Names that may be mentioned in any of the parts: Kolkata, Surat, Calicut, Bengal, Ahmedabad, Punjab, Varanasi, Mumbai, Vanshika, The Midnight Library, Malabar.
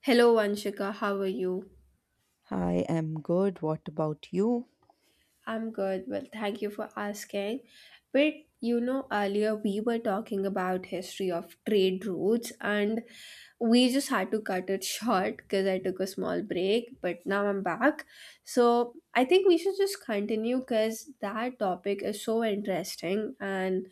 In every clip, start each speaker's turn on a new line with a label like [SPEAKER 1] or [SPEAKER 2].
[SPEAKER 1] Hello, Vanshika. How are you?
[SPEAKER 2] I am good. What about you?
[SPEAKER 1] I'm good. Well, thank you for asking. But you know, earlier we were talking about history of trade routes, and we just had to cut it short because I took a small break. But now I'm back, so I think we should just continue because that topic is so interesting, and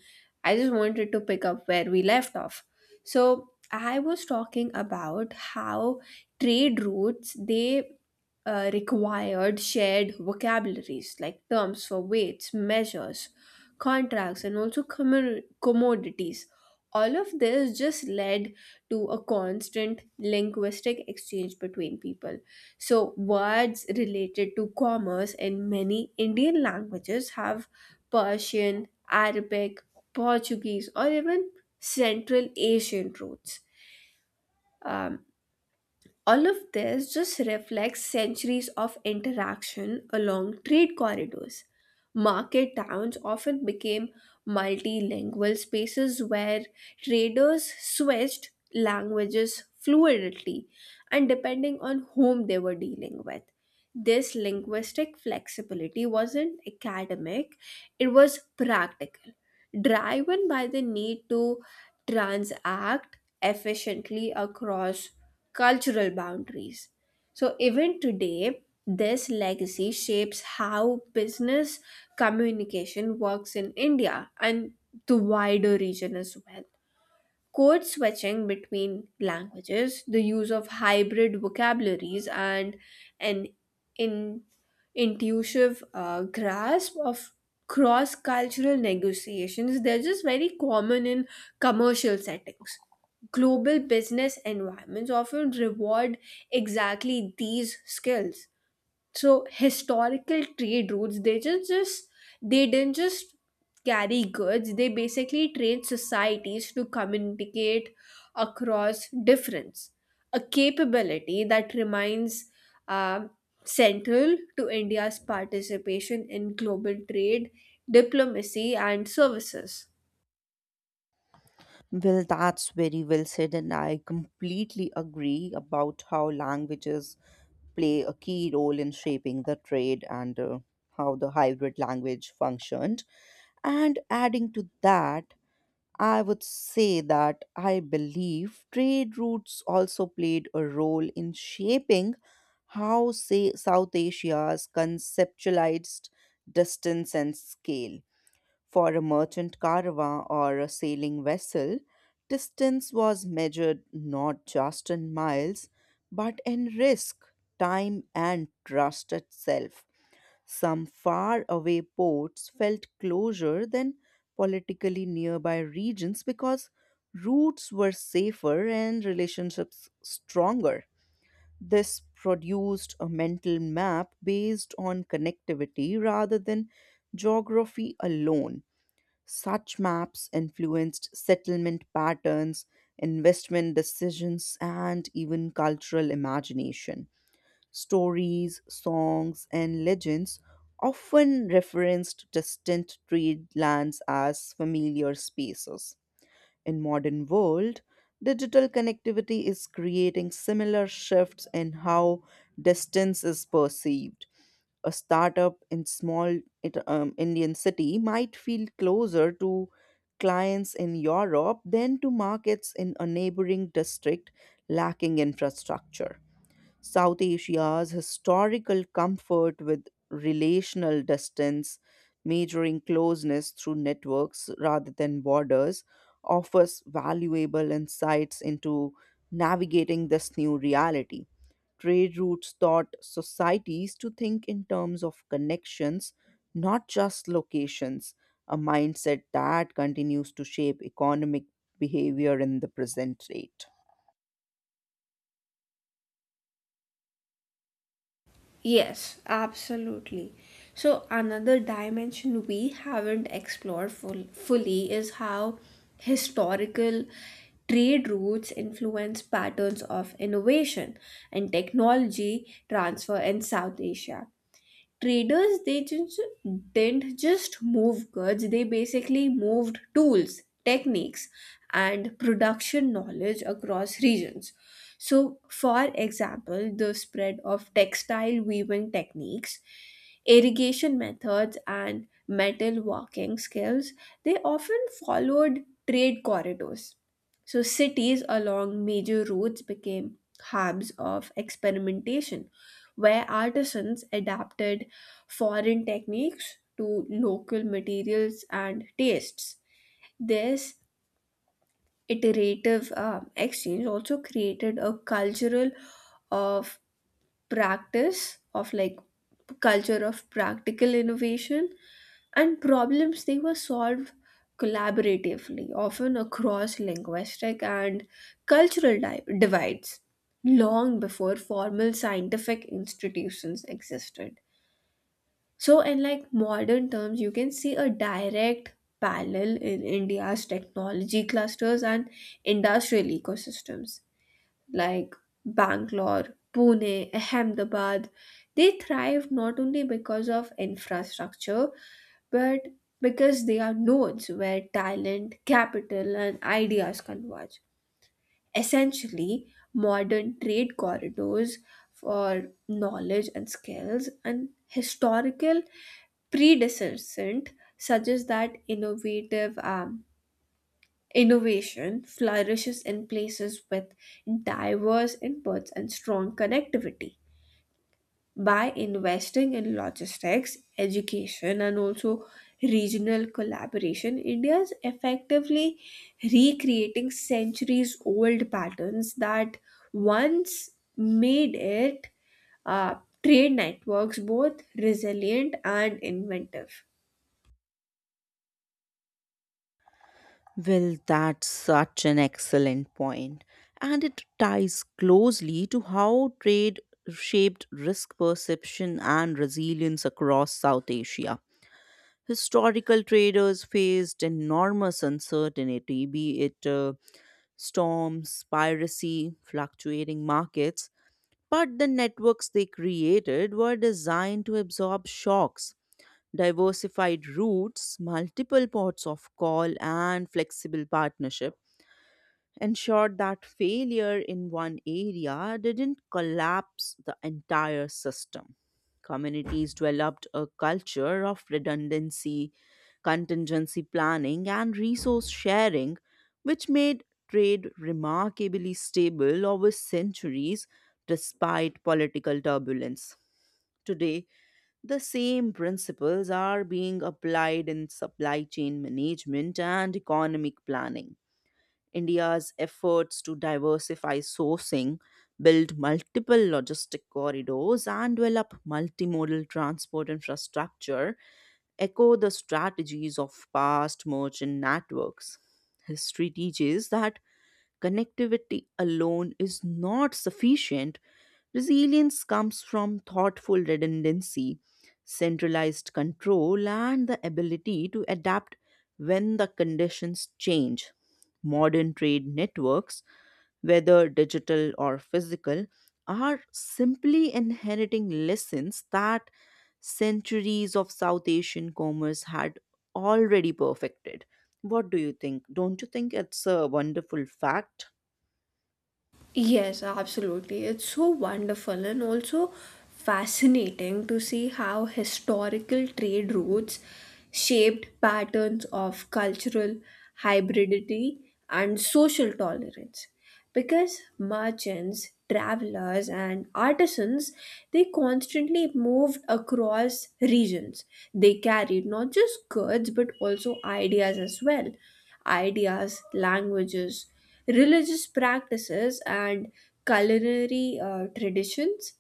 [SPEAKER 1] I just wanted to pick up where we left off. So I was talking about how trade routes they required shared vocabularies like terms for weights, measures, contracts, and also commodities. All of this just led to a constant linguistic exchange between people. So, words related to commerce in many Indian languages have Persian, Arabic, Portuguese, or even Central Asian roots. Um, all of this just reflects centuries of interaction along trade corridors. Market towns often became multilingual spaces where traders switched languages fluidly and depending on whom they were dealing with. This linguistic flexibility wasn't academic, it was practical, driven by the need to transact efficiently across cultural boundaries. So, even today, this legacy shapes how business communication works in India and the wider region as well. Code switching between languages, the use of hybrid vocabularies, and an in, intuitive grasp of cross cultural negotiations, they're just very common in commercial settings. Global business environments often reward exactly these skills, so historical trade routes they just they didn't just carry goods, they basically trained societies to communicate across difference, a capability that remains um, central to India's participation in global trade, diplomacy, and services.
[SPEAKER 2] Well, that's very well said, and I completely agree about how languages play a key role in shaping the trade and how the hybrid language functioned. And adding to that, I would say that I believe trade routes also played a role in shaping how, say, South Asia's conceptualized distance and scale. For a merchant caravan or a sailing vessel, distance was measured not just in miles, but in risk, time, and trust itself. Some faraway ports felt closer than politically nearby regions because routes were safer and relationships stronger. This produced a mental map based on connectivity rather than geography alone. Such maps influenced settlement patterns, investment decisions, and even cultural imagination. Stories, songs, and legends often referenced distant trade lands as familiar spaces. In modern world, digital connectivity is creating similar shifts in how distance is perceived. A startup in Indian city might feel closer to clients in Europe than to markets in a neighboring district lacking infrastructure. South Asia's historical comfort with relational distance, measuring closeness through networks rather than borders, offers valuable insights into navigating this new reality. Trade routes taught societies to think in terms of connections, not just locations, a mindset that continues to shape economic behavior in the present state.
[SPEAKER 1] Yes, absolutely. So, another dimension we haven't explored fully is how historical trade routes influence patterns of innovation and technology transfer in South Asia. Traders they just didn't just move goods, they basically moved tools, techniques, and production knowledge across regions. So, for example, the spread of textile weaving techniques, irrigation methods, and metal working skills, they often followed trade corridors. So, cities along major roads became hubs of experimentation, where artisans adapted foreign techniques to local materials and tastes. This iterative exchange also created a cultural of practice of like culture of practical innovation, and problems they were solved collaboratively, often across linguistic and cultural divides long before formal scientific institutions existed. So, in like modern terms, you can see a direct parallel in India's technology clusters and industrial ecosystems like Bangalore, Pune, Ahmedabad. They thrived not only because of infrastructure but because they are nodes where talent, capital, and ideas converge. Essentially, modern trade corridors for knowledge and skills, and historical predecessant suggest that innovative innovation flourishes in places with diverse inputs and strong connectivity. By investing in logistics, education, and also regional collaboration, India is effectively recreating centuries old patterns that once made it uh, trade networks both resilient and inventive.
[SPEAKER 2] Well, that's such an excellent point, and it ties closely to how trade shaped risk perception and resilience across South Asia. Historical traders faced enormous uncertainty, be it storms, piracy, fluctuating markets, but the networks they created were designed to absorb shocks. Diversified routes, multiple ports of call, and flexible partnership ensured that failure in one area didn't collapse the entire system. Communities developed a culture of redundancy, contingency planning, and resource sharing, which made trade remarkably stable over centuries despite political turbulence. Today, the same principles are being applied in supply chain management and economic planning. India's efforts to diversify sourcing, build multiple logistic corridors, and develop multimodal transport infrastructure echo the strategies of past merchant networks. History teaches that connectivity alone is not sufficient. Resilience comes from thoughtful redundancy, centralized control, and the ability to adapt when the conditions change. Modern trade networks, whether digital or physical, are simply inheriting lessons that centuries of South Asian commerce had already perfected. What do you think? Don't you think it's a wonderful fact?
[SPEAKER 1] Yes, absolutely. It's so wonderful and also fascinating to see how historical trade routes shaped patterns of cultural hybridity and social tolerance. Because merchants, travelers, and artisans, they constantly moved across regions. They carried not just goods but also ideas as well, ideas, languages, religious practices, and culinary traditions.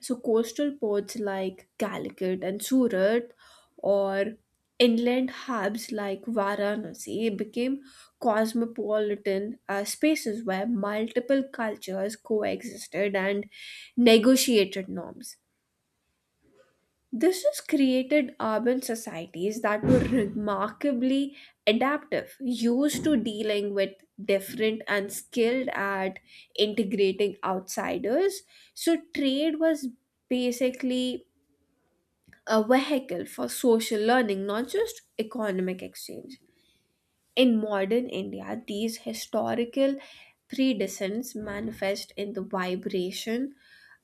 [SPEAKER 1] So, coastal ports like Calicut and Surat, or inland hubs like Varanasi, became cosmopolitan spaces where multiple cultures coexisted and negotiated norms. This has created urban societies that were remarkably adaptive, used to dealing with different and skilled at integrating outsiders. So, trade was basically a vehicle for social learning, not just economic exchange. In modern India, these historical precedents manifest in the vibration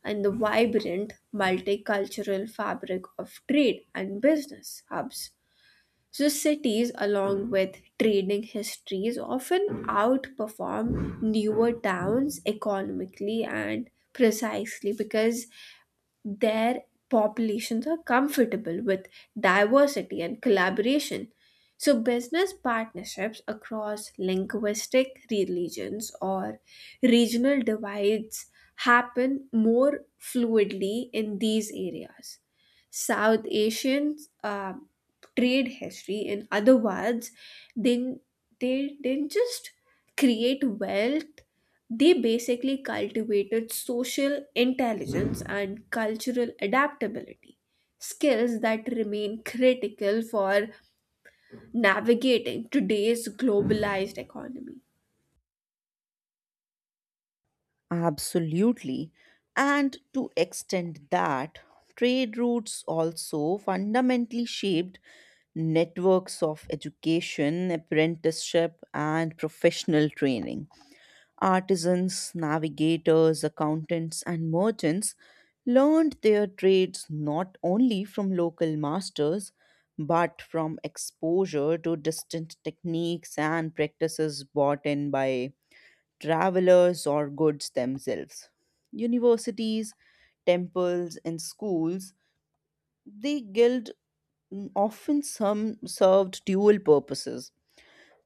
[SPEAKER 1] and the vibrant multicultural fabric of trade and business hubs. So, cities, along with trading histories, often outperform newer towns economically and precisely because their populations are comfortable with diversity and collaboration. So, business partnerships across linguistic religions or regional divides happen more fluidly in these areas. South Asian uh, trade history, in other words, they, they didn't just create wealth, they basically cultivated social intelligence and cultural adaptability, skills that remain critical for navigating today's globalized economy.
[SPEAKER 2] Absolutely. And to extend that, trade routes also fundamentally shaped networks of education, apprenticeship, and professional training. Artisans, navigators, accountants, and merchants learned their trades not only from local masters but from exposure to distant techniques and practices brought in by travelers or goods themselves. Universities, temples, and schools, they often some served dual purposes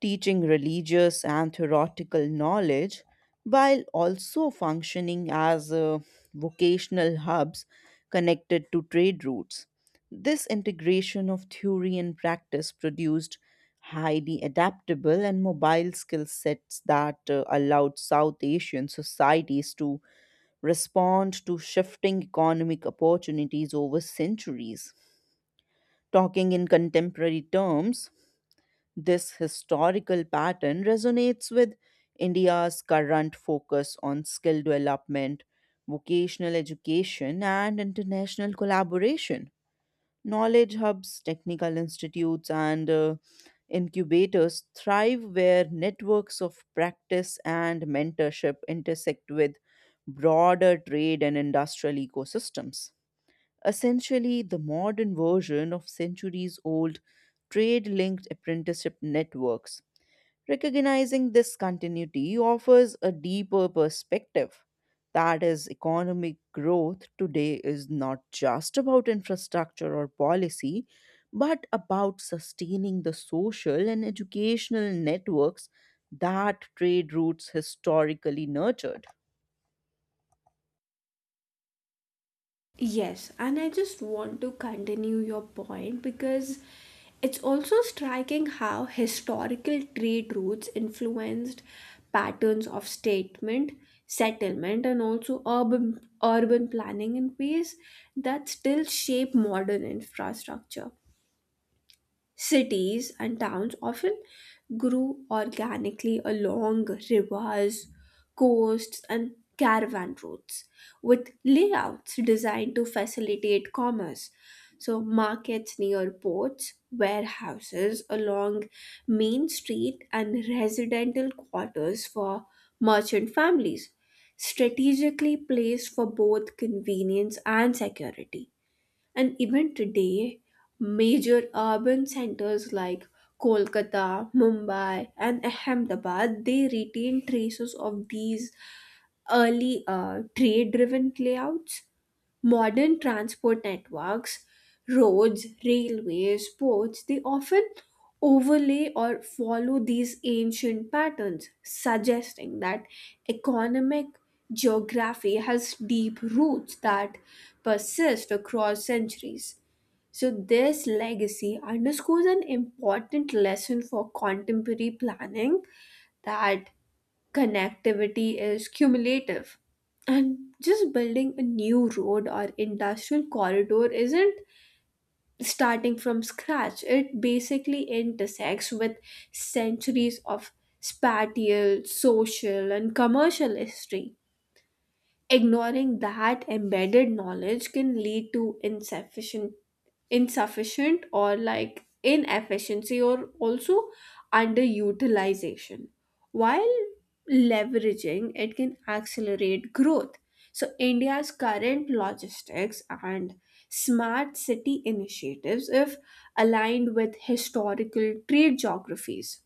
[SPEAKER 2] teaching religious and theoretical knowledge while also functioning as vocational hubs connected to trade routes. This integration of theory and practice produced highly adaptable and mobile skill sets that allowed South Asian societies to respond to shifting economic opportunities over centuries. Talking in contemporary terms, this historical pattern resonates with India's current focus on skill development, vocational education, and international collaboration. Knowledge hubs, technical institutes, and incubators thrive where networks of practice and mentorship intersect with broader trade and industrial ecosystems, essentially the modern version of centuries old trade linked apprenticeship networks. Recognizing this continuity offers a deeper perspective. That is, economic growth today is not just about infrastructure or policy, but about sustaining the social and educational networks that trade routes historically nurtured.
[SPEAKER 1] Yes, and I just want to continue your point because it's also striking how historical trade routes influenced patterns of settlement, and also urban planning in ways that still shape modern infrastructure. Cities and towns often grew organically along rivers, coasts, and caravan routes, with layouts designed to facilitate commerce. So, markets near ports, warehouses along Main Street, and residential quarters for merchant families, strategically placed for both convenience and security. And even today, major urban centers like Kolkata, Mumbai, and Ahmedabad, they retain traces of these early trade-driven layouts. Modern transport networks, roads, railways, ports, they often overlay or follow these ancient patterns, suggesting that economic geography has deep roots that persist across centuries. So, this legacy underscores an important lesson for contemporary planning, that connectivity is cumulative. And just building a new road or industrial corridor isn't starting from scratch, it basically intersects with centuries of spatial, social, and commercial history. Ignoring that embedded knowledge can lead to insufficient insufficient or like inefficiency or also underutilization, while leveraging it can accelerate growth. So India's current logistics and smart city initiatives, if aligned with historical trade geographies,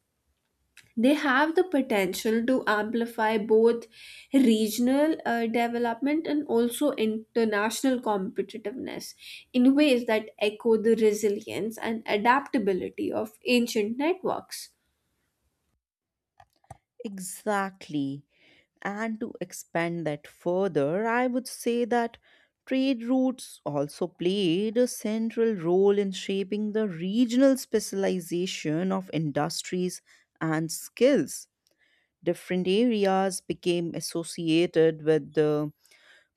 [SPEAKER 1] they have the potential to amplify both regional development and also international competitiveness in ways that echo the resilience and adaptability of ancient networks.
[SPEAKER 2] Exactly. And to expand that further, I would say that trade routes also played a central role in shaping the regional specialization of industries and skills. Different areas became associated with the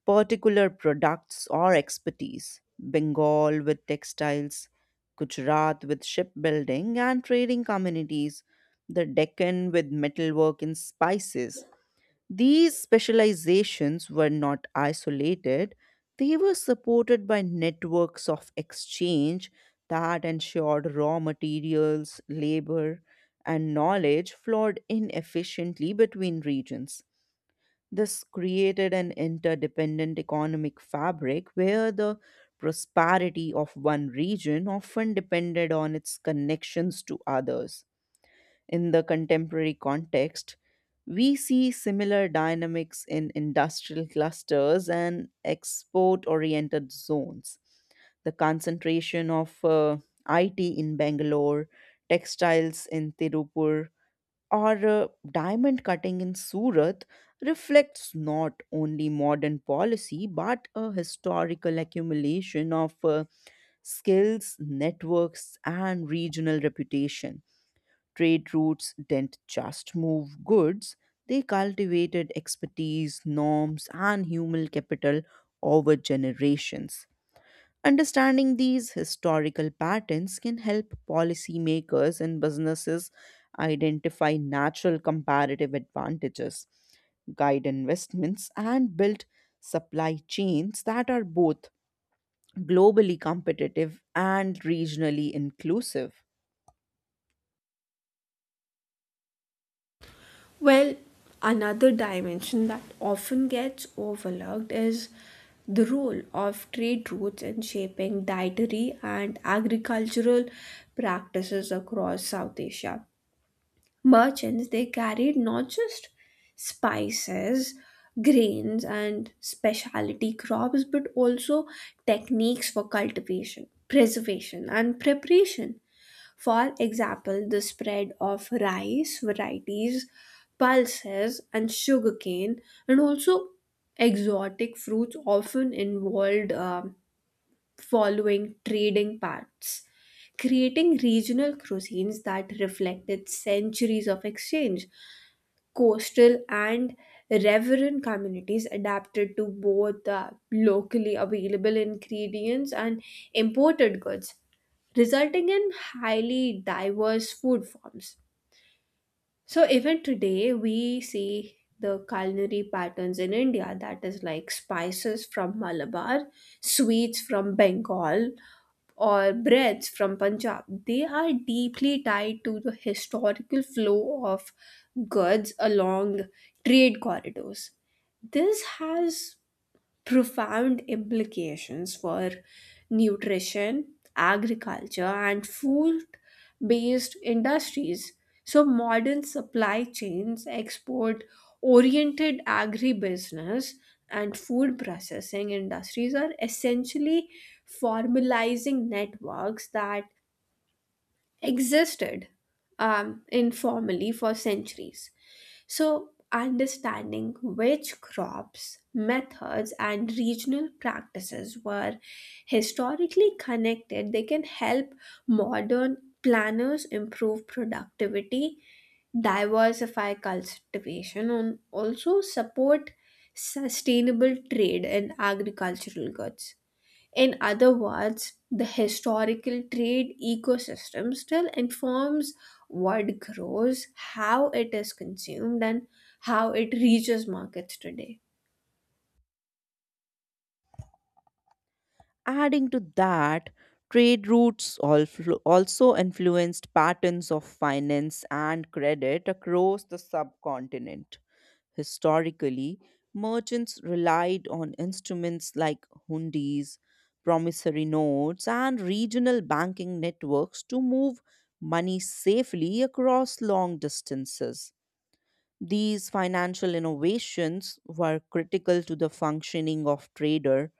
[SPEAKER 2] particular products or expertise. Bengal with textiles, Gujarat with shipbuilding and trading communities, the Deccan with metalwork and spices. These specializations were not isolated, they were supported by networks of exchange that ensured raw materials, labor, and knowledge flowed inefficiently between regions. This created an interdependent economic fabric where the prosperity of one region often depended on its connections to others. In the contemporary context, we see similar dynamics in industrial clusters and export oriented zones. The concentration of IT in Bangalore, textiles in Tirupur, or diamond cutting in Surat reflects not only modern policy but a historical accumulation of skills, networks, and regional reputation. Trade routes didn't just move goods, they cultivated expertise, norms, and human capital over generations. Understanding these historical patterns can help policymakers and businesses identify natural comparative advantages, guide investments, and build supply chains that are both globally competitive and regionally inclusive.
[SPEAKER 1] Well, another dimension that often gets overlooked is the role of trade routes in shaping dietary and agricultural practices across South Asia. Merchants they carried not just spices, grains, and specialty crops but also techniques for cultivation, preservation, and preparation. For example, the spread of rice varieties, pulses, and sugarcane, and also exotic fruits often involved following trading paths, creating regional cuisines that reflected centuries of exchange. Coastal and reverent communities adapted to both the locally available ingredients and imported goods, resulting in highly diverse food forms. So, even today, we see the culinary patterns in India, that is like spices from Malabar, sweets from Bengal, or breads from Punjab, they are deeply tied to the historical flow of goods along trade corridors. This has profound implications for nutrition, agriculture, and food based industries. So, modern supply chains, export oriented agribusiness, and food processing industries are essentially formalizing networks that existed informally for centuries. So, understanding which crops, methods, and regional practices were historically connected, they can help modern planners improve productivity, diversify cultivation, and also support sustainable trade in agricultural goods. In other words, the historical trade ecosystem still informs what grows, how it is consumed, and how it reaches markets today.
[SPEAKER 2] Adding to that, trade routes also influenced patterns of finance and credit across the subcontinent. Historically, merchants relied on instruments like hundis, promissory notes, and regional banking networks to move money safely across long distances. These financial innovations were critical to the functioning of trader.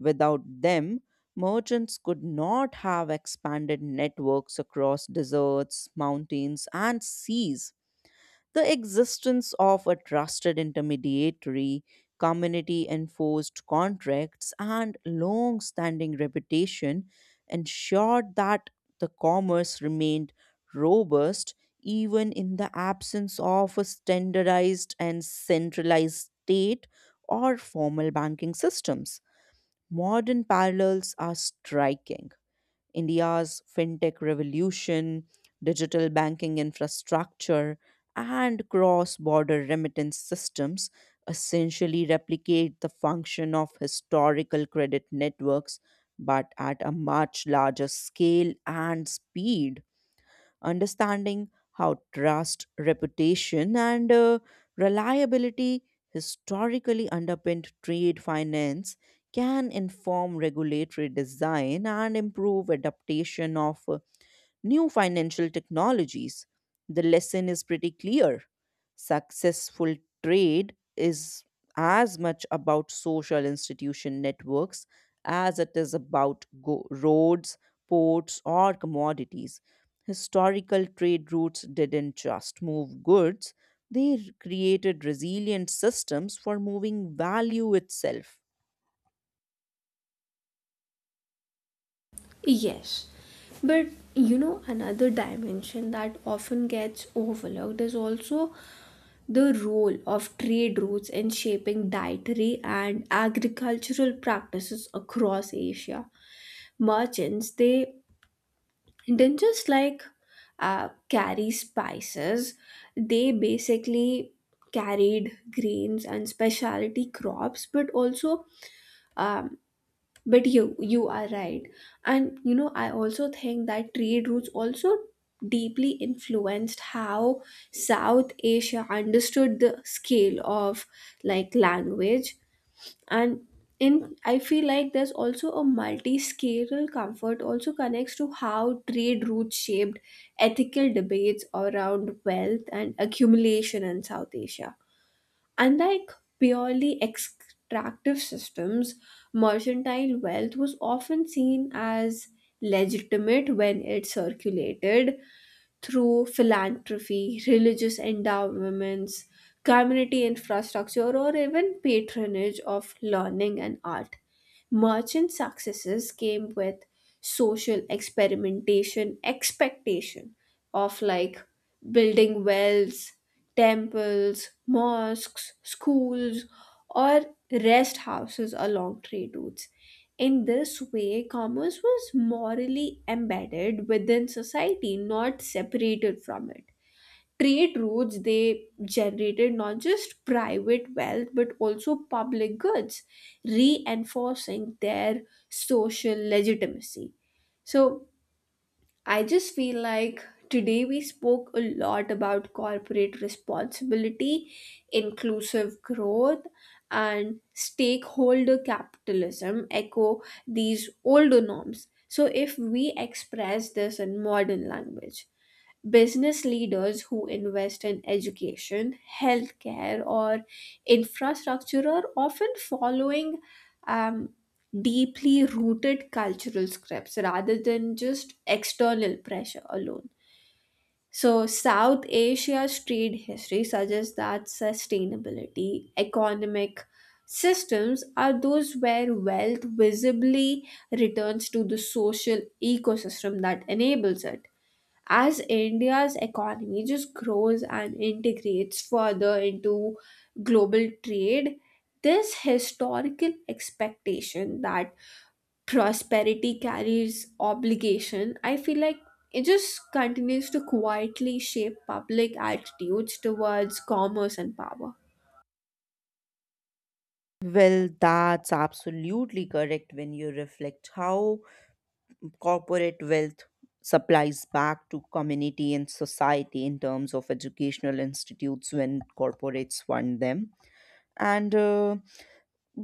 [SPEAKER 2] Without them, merchants could not have expanded networks across deserts, mountains, and seas. The existence of a trusted intermediary, community enforced contracts, and long standing reputation ensured that the commerce remained robust even in the absence of a standardized and centralized state or formal banking systems. Modern parallels are striking. India's fintech revolution, digital banking infrastructure, and cross border remittance systems essentially replicate the function of historical credit networks but at a much larger scale and speed. Understanding how trust, reputation, and reliability historically underpinned trade finance can inform regulatory design and improve adaptation of new financial technologies. The lesson is pretty clear. Successful trade is as much about social institution networks as it is about roads, ports, or commodities. Historical trade routes didn't just move goods, they created resilient systems for moving value itself.
[SPEAKER 1] Yes, but you know, another dimension that often gets overlooked is also the role of trade routes in shaping dietary and agricultural practices across Asia. Merchants, they dangers like carry spices, they basically carried grains and specialty crops but also um, but you are right. And you know, I also think that trade routes also deeply influenced how South Asia understood the scale of like language. And in, I feel like there's also a multi-scale comfort also connects to how trade routes shaped ethical debates around wealth and accumulation in South Asia. Unlike purely extractive systems, mercantile wealth was often seen as legitimate when it circulated through philanthropy, religious endowments, community infrastructure, or even patronage of learning and art. Merchant successes came with social experimentation, expectation of like building wells, temples, mosques, schools, or rest houses along trade routes. In this way, commerce was morally embedded within society, not separated from it. Trade routes they generated not just private wealth but also public goods, reinforcing their social legitimacy. So I just feel like today we spoke a lot about corporate responsibility, inclusive growth, and stakeholder capitalism echo these older norms. So, if we express this in modern language, business leaders who invest in education, healthcare, or infrastructure are often following um, deeply rooted cultural scripts rather than just external pressure alone. So, South Asia's trade history suggests that sustainability, economic systems are those where wealth visibly returns to the social ecosystem that enables it. As India's economy just grows and integrates further into global trade, this historical expectation that prosperity carries obligation, I feel like it just continues to quietly shape public attitudes towards commerce and power.
[SPEAKER 2] Well, that's absolutely correct when you reflect how corporate wealth supplies back to community and society in terms of educational institutes when corporates fund them, and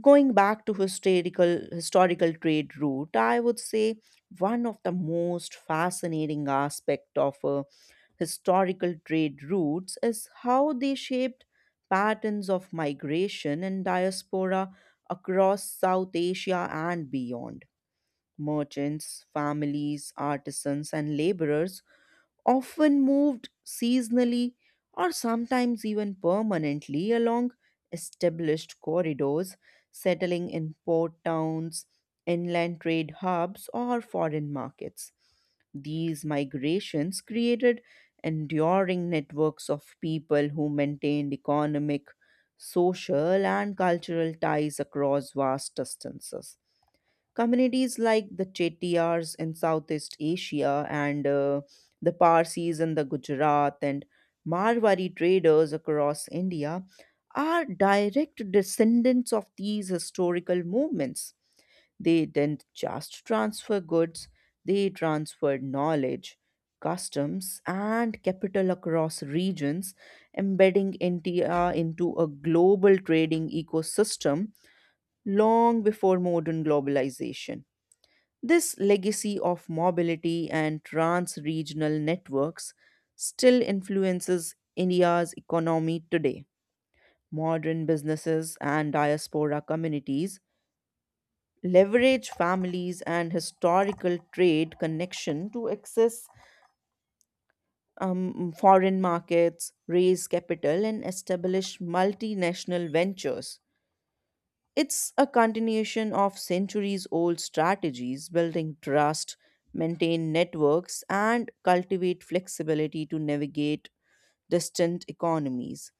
[SPEAKER 2] going back to historical trade route, I would say one of the most fascinating aspect of historical trade routes is how they shaped patterns of migration and diaspora across South Asia and beyond. Merchants, families, artisans, and laborers often moved seasonally or sometimes even permanently along established corridors, settling in port towns, inland trade hubs, or foreign markets. These migrations created enduring networks of people who maintained economic, social, and cultural ties across vast distances. Communities like the Chettiars in Southeast Asia and the Parsis in the Gujarat and Marwari traders across India are direct descendants of these historical movements. They didn't just transfer goods, they transferred knowledge, customs, and capital across regions, embedding India into a global trading ecosystem long before modern globalization. This legacy of mobility and trans regional networks still influences India's economy today. Modern businesses and diaspora communities leverage families and historical trade connection to access foreign markets, raise capital, and establish multinational ventures. It's a continuation of centuries old strategies building trust, maintain networks, and cultivate flexibility to navigate distant economies.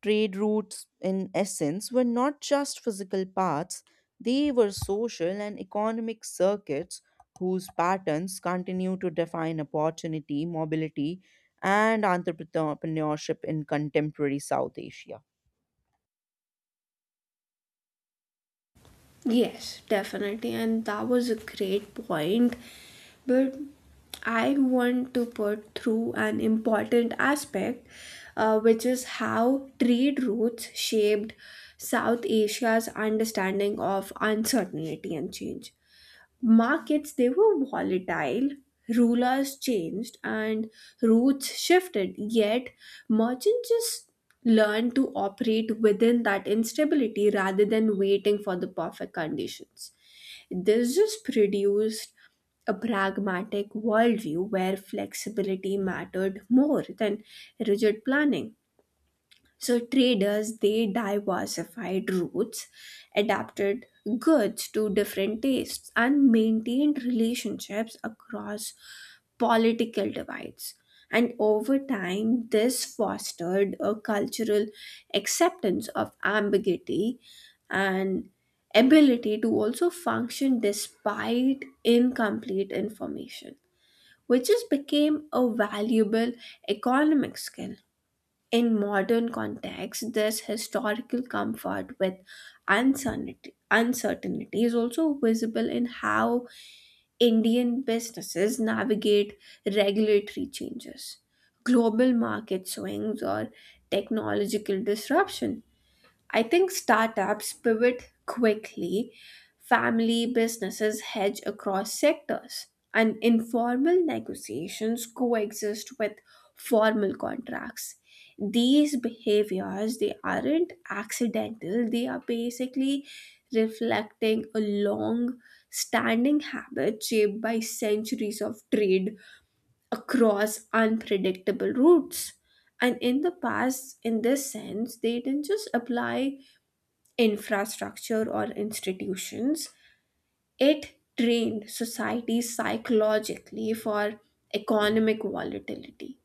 [SPEAKER 2] Trade routes, in essence, were not just physical paths, they were social and economic circuits whose patterns continue to define opportunity, mobility, and entrepreneurship in contemporary South Asia.
[SPEAKER 1] Yes, definitely. And that was a great point. But I want to put through an important aspect, which is how trade routes shaped South Asia's understanding of uncertainty and change. Markets they were volatile, rulers changed, and routes shifted. Yet merchants just learned to operate within that instability rather than waiting for the perfect conditions. This just produced a pragmatic worldview where flexibility mattered more than rigid planning. So traders they diversified routes, adapted goods to different tastes, and maintained relationships across political divides. And over time, this fostered a cultural acceptance of ambiguity and ability to also function despite incomplete information, which just became a valuable economic skill. In modern context, this historical comfort with uncertainty is also visible in how Indian businesses navigate regulatory changes, global market swings, or technological disruption. I think startups pivot quickly, family businesses hedge across sectors, and informal negotiations coexist with formal contracts. These behaviors they aren't accidental, they are basically reflecting a long standing habit shaped by centuries of trade across unpredictable routes. And in the past, in this sense, they didn't just apply infrastructure or institutions. It trained societies psychologically for economic volatility.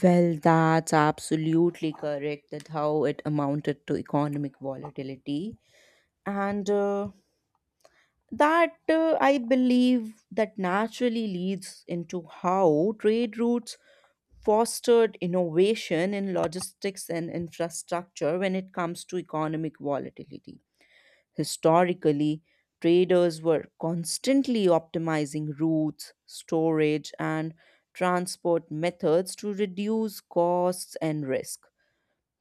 [SPEAKER 2] Well, that's absolutely correct that how it amounted to economic volatility. And that I believe that naturally leads into how trade routes fostered innovation in logistics and infrastructure when it comes to economic volatility. Historically, traders were constantly optimizing routes, storage, and transport methods to reduce costs and risk.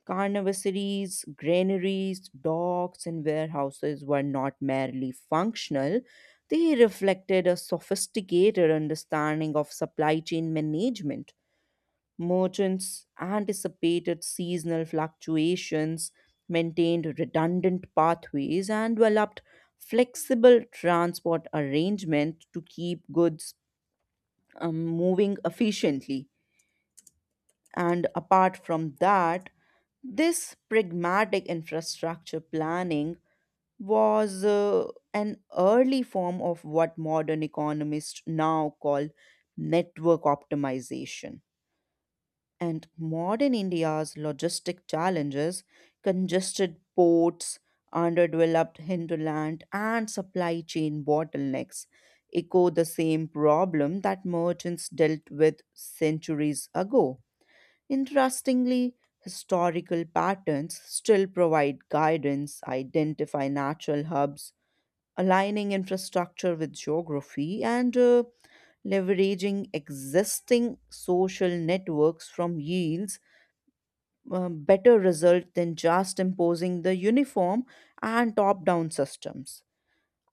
[SPEAKER 2] Carnivaries, granaries, docks, and warehouses were not merely functional, they reflected a sophisticated understanding of supply chain management. Merchants anticipated seasonal fluctuations, maintained redundant pathways, and developed flexible transport arrangements to keep goods moving efficiently. And apart from that, this pragmatic infrastructure planning was an early form of what modern economists now call network optimization. And modern India's logistic challenges, congested ports, underdeveloped hinterland, and supply chain bottlenecks echo the same problem that merchants dealt with centuries ago. Interestingly, historical patterns still provide guidance, identify natural hubs, aligning infrastructure with geography, and leveraging existing social networks from yields better result than just imposing the uniform and top down systems.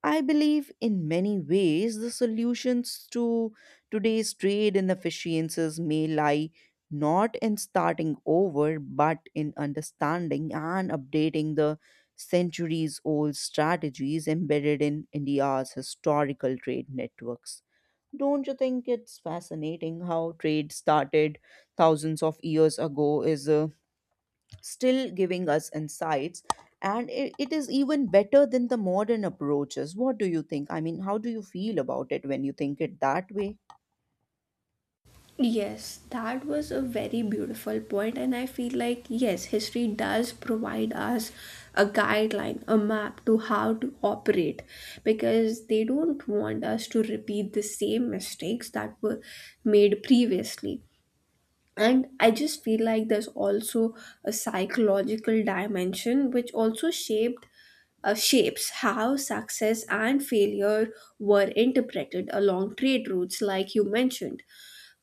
[SPEAKER 2] I believe in many ways the solutions to today's trade inefficiencies may lie not in starting over but in understanding and updating the centuries old strategies embedded in India's historical trade networks. Don't you think it's fascinating how trade started thousands of years ago is a still giving us insights, and it is even better than the modern approaches? What do you think? I mean, how do you feel about it when you think it that way?
[SPEAKER 1] Yes, that was a very beautiful point, and I feel like, yes, history does provide us a guideline, a map to how to operate because they don't want us to repeat the same mistakes that were made previously. And I just feel like there's also a psychological dimension which also shaped shapes how success and failure were interpreted along trade routes. Like you mentioned,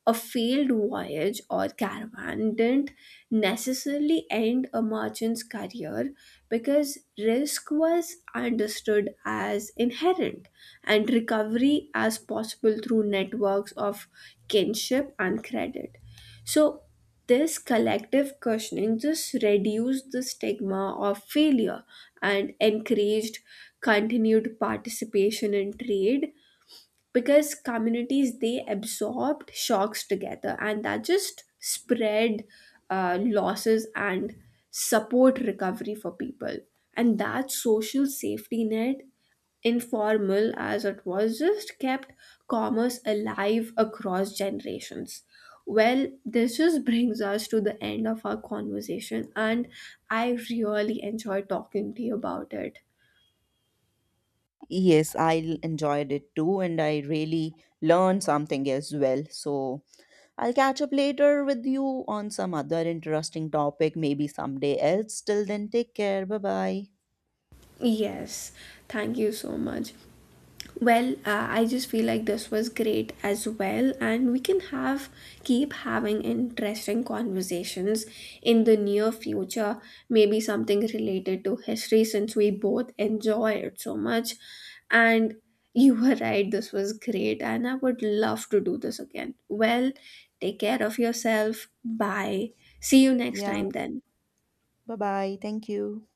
[SPEAKER 1] a failed voyage or caravan didn't necessarily end a merchant's career because risk was understood as inherent and recovery as possible through networks of kinship and credit. So, this collective cushioning just reduced the stigma of failure and encouraged continued participation in trade because communities they absorbed shocks together, and that just spread losses and support recovery for people. And that social safety net, informal as it was, just kept commerce alive across generations. Well, this just brings us to the end of our conversation, and I really enjoy talking to you about it.
[SPEAKER 2] Yes, I enjoyed it too, and I really learned something as well, so I'll catch up later with you on some other interesting topic, maybe someday else. Till then, take care. Bye bye.
[SPEAKER 1] Yes, thank you so much. Well, I just feel like this was great as well, and we can have keep having interesting conversations in the near future. Maybe something related to history since we both enjoy it so much. And you were right, this was great, and I would love to do this again. Well, take care of yourself. Bye. See you next
[SPEAKER 2] Yeah,
[SPEAKER 1] time then.
[SPEAKER 2] bye bye. Thank you.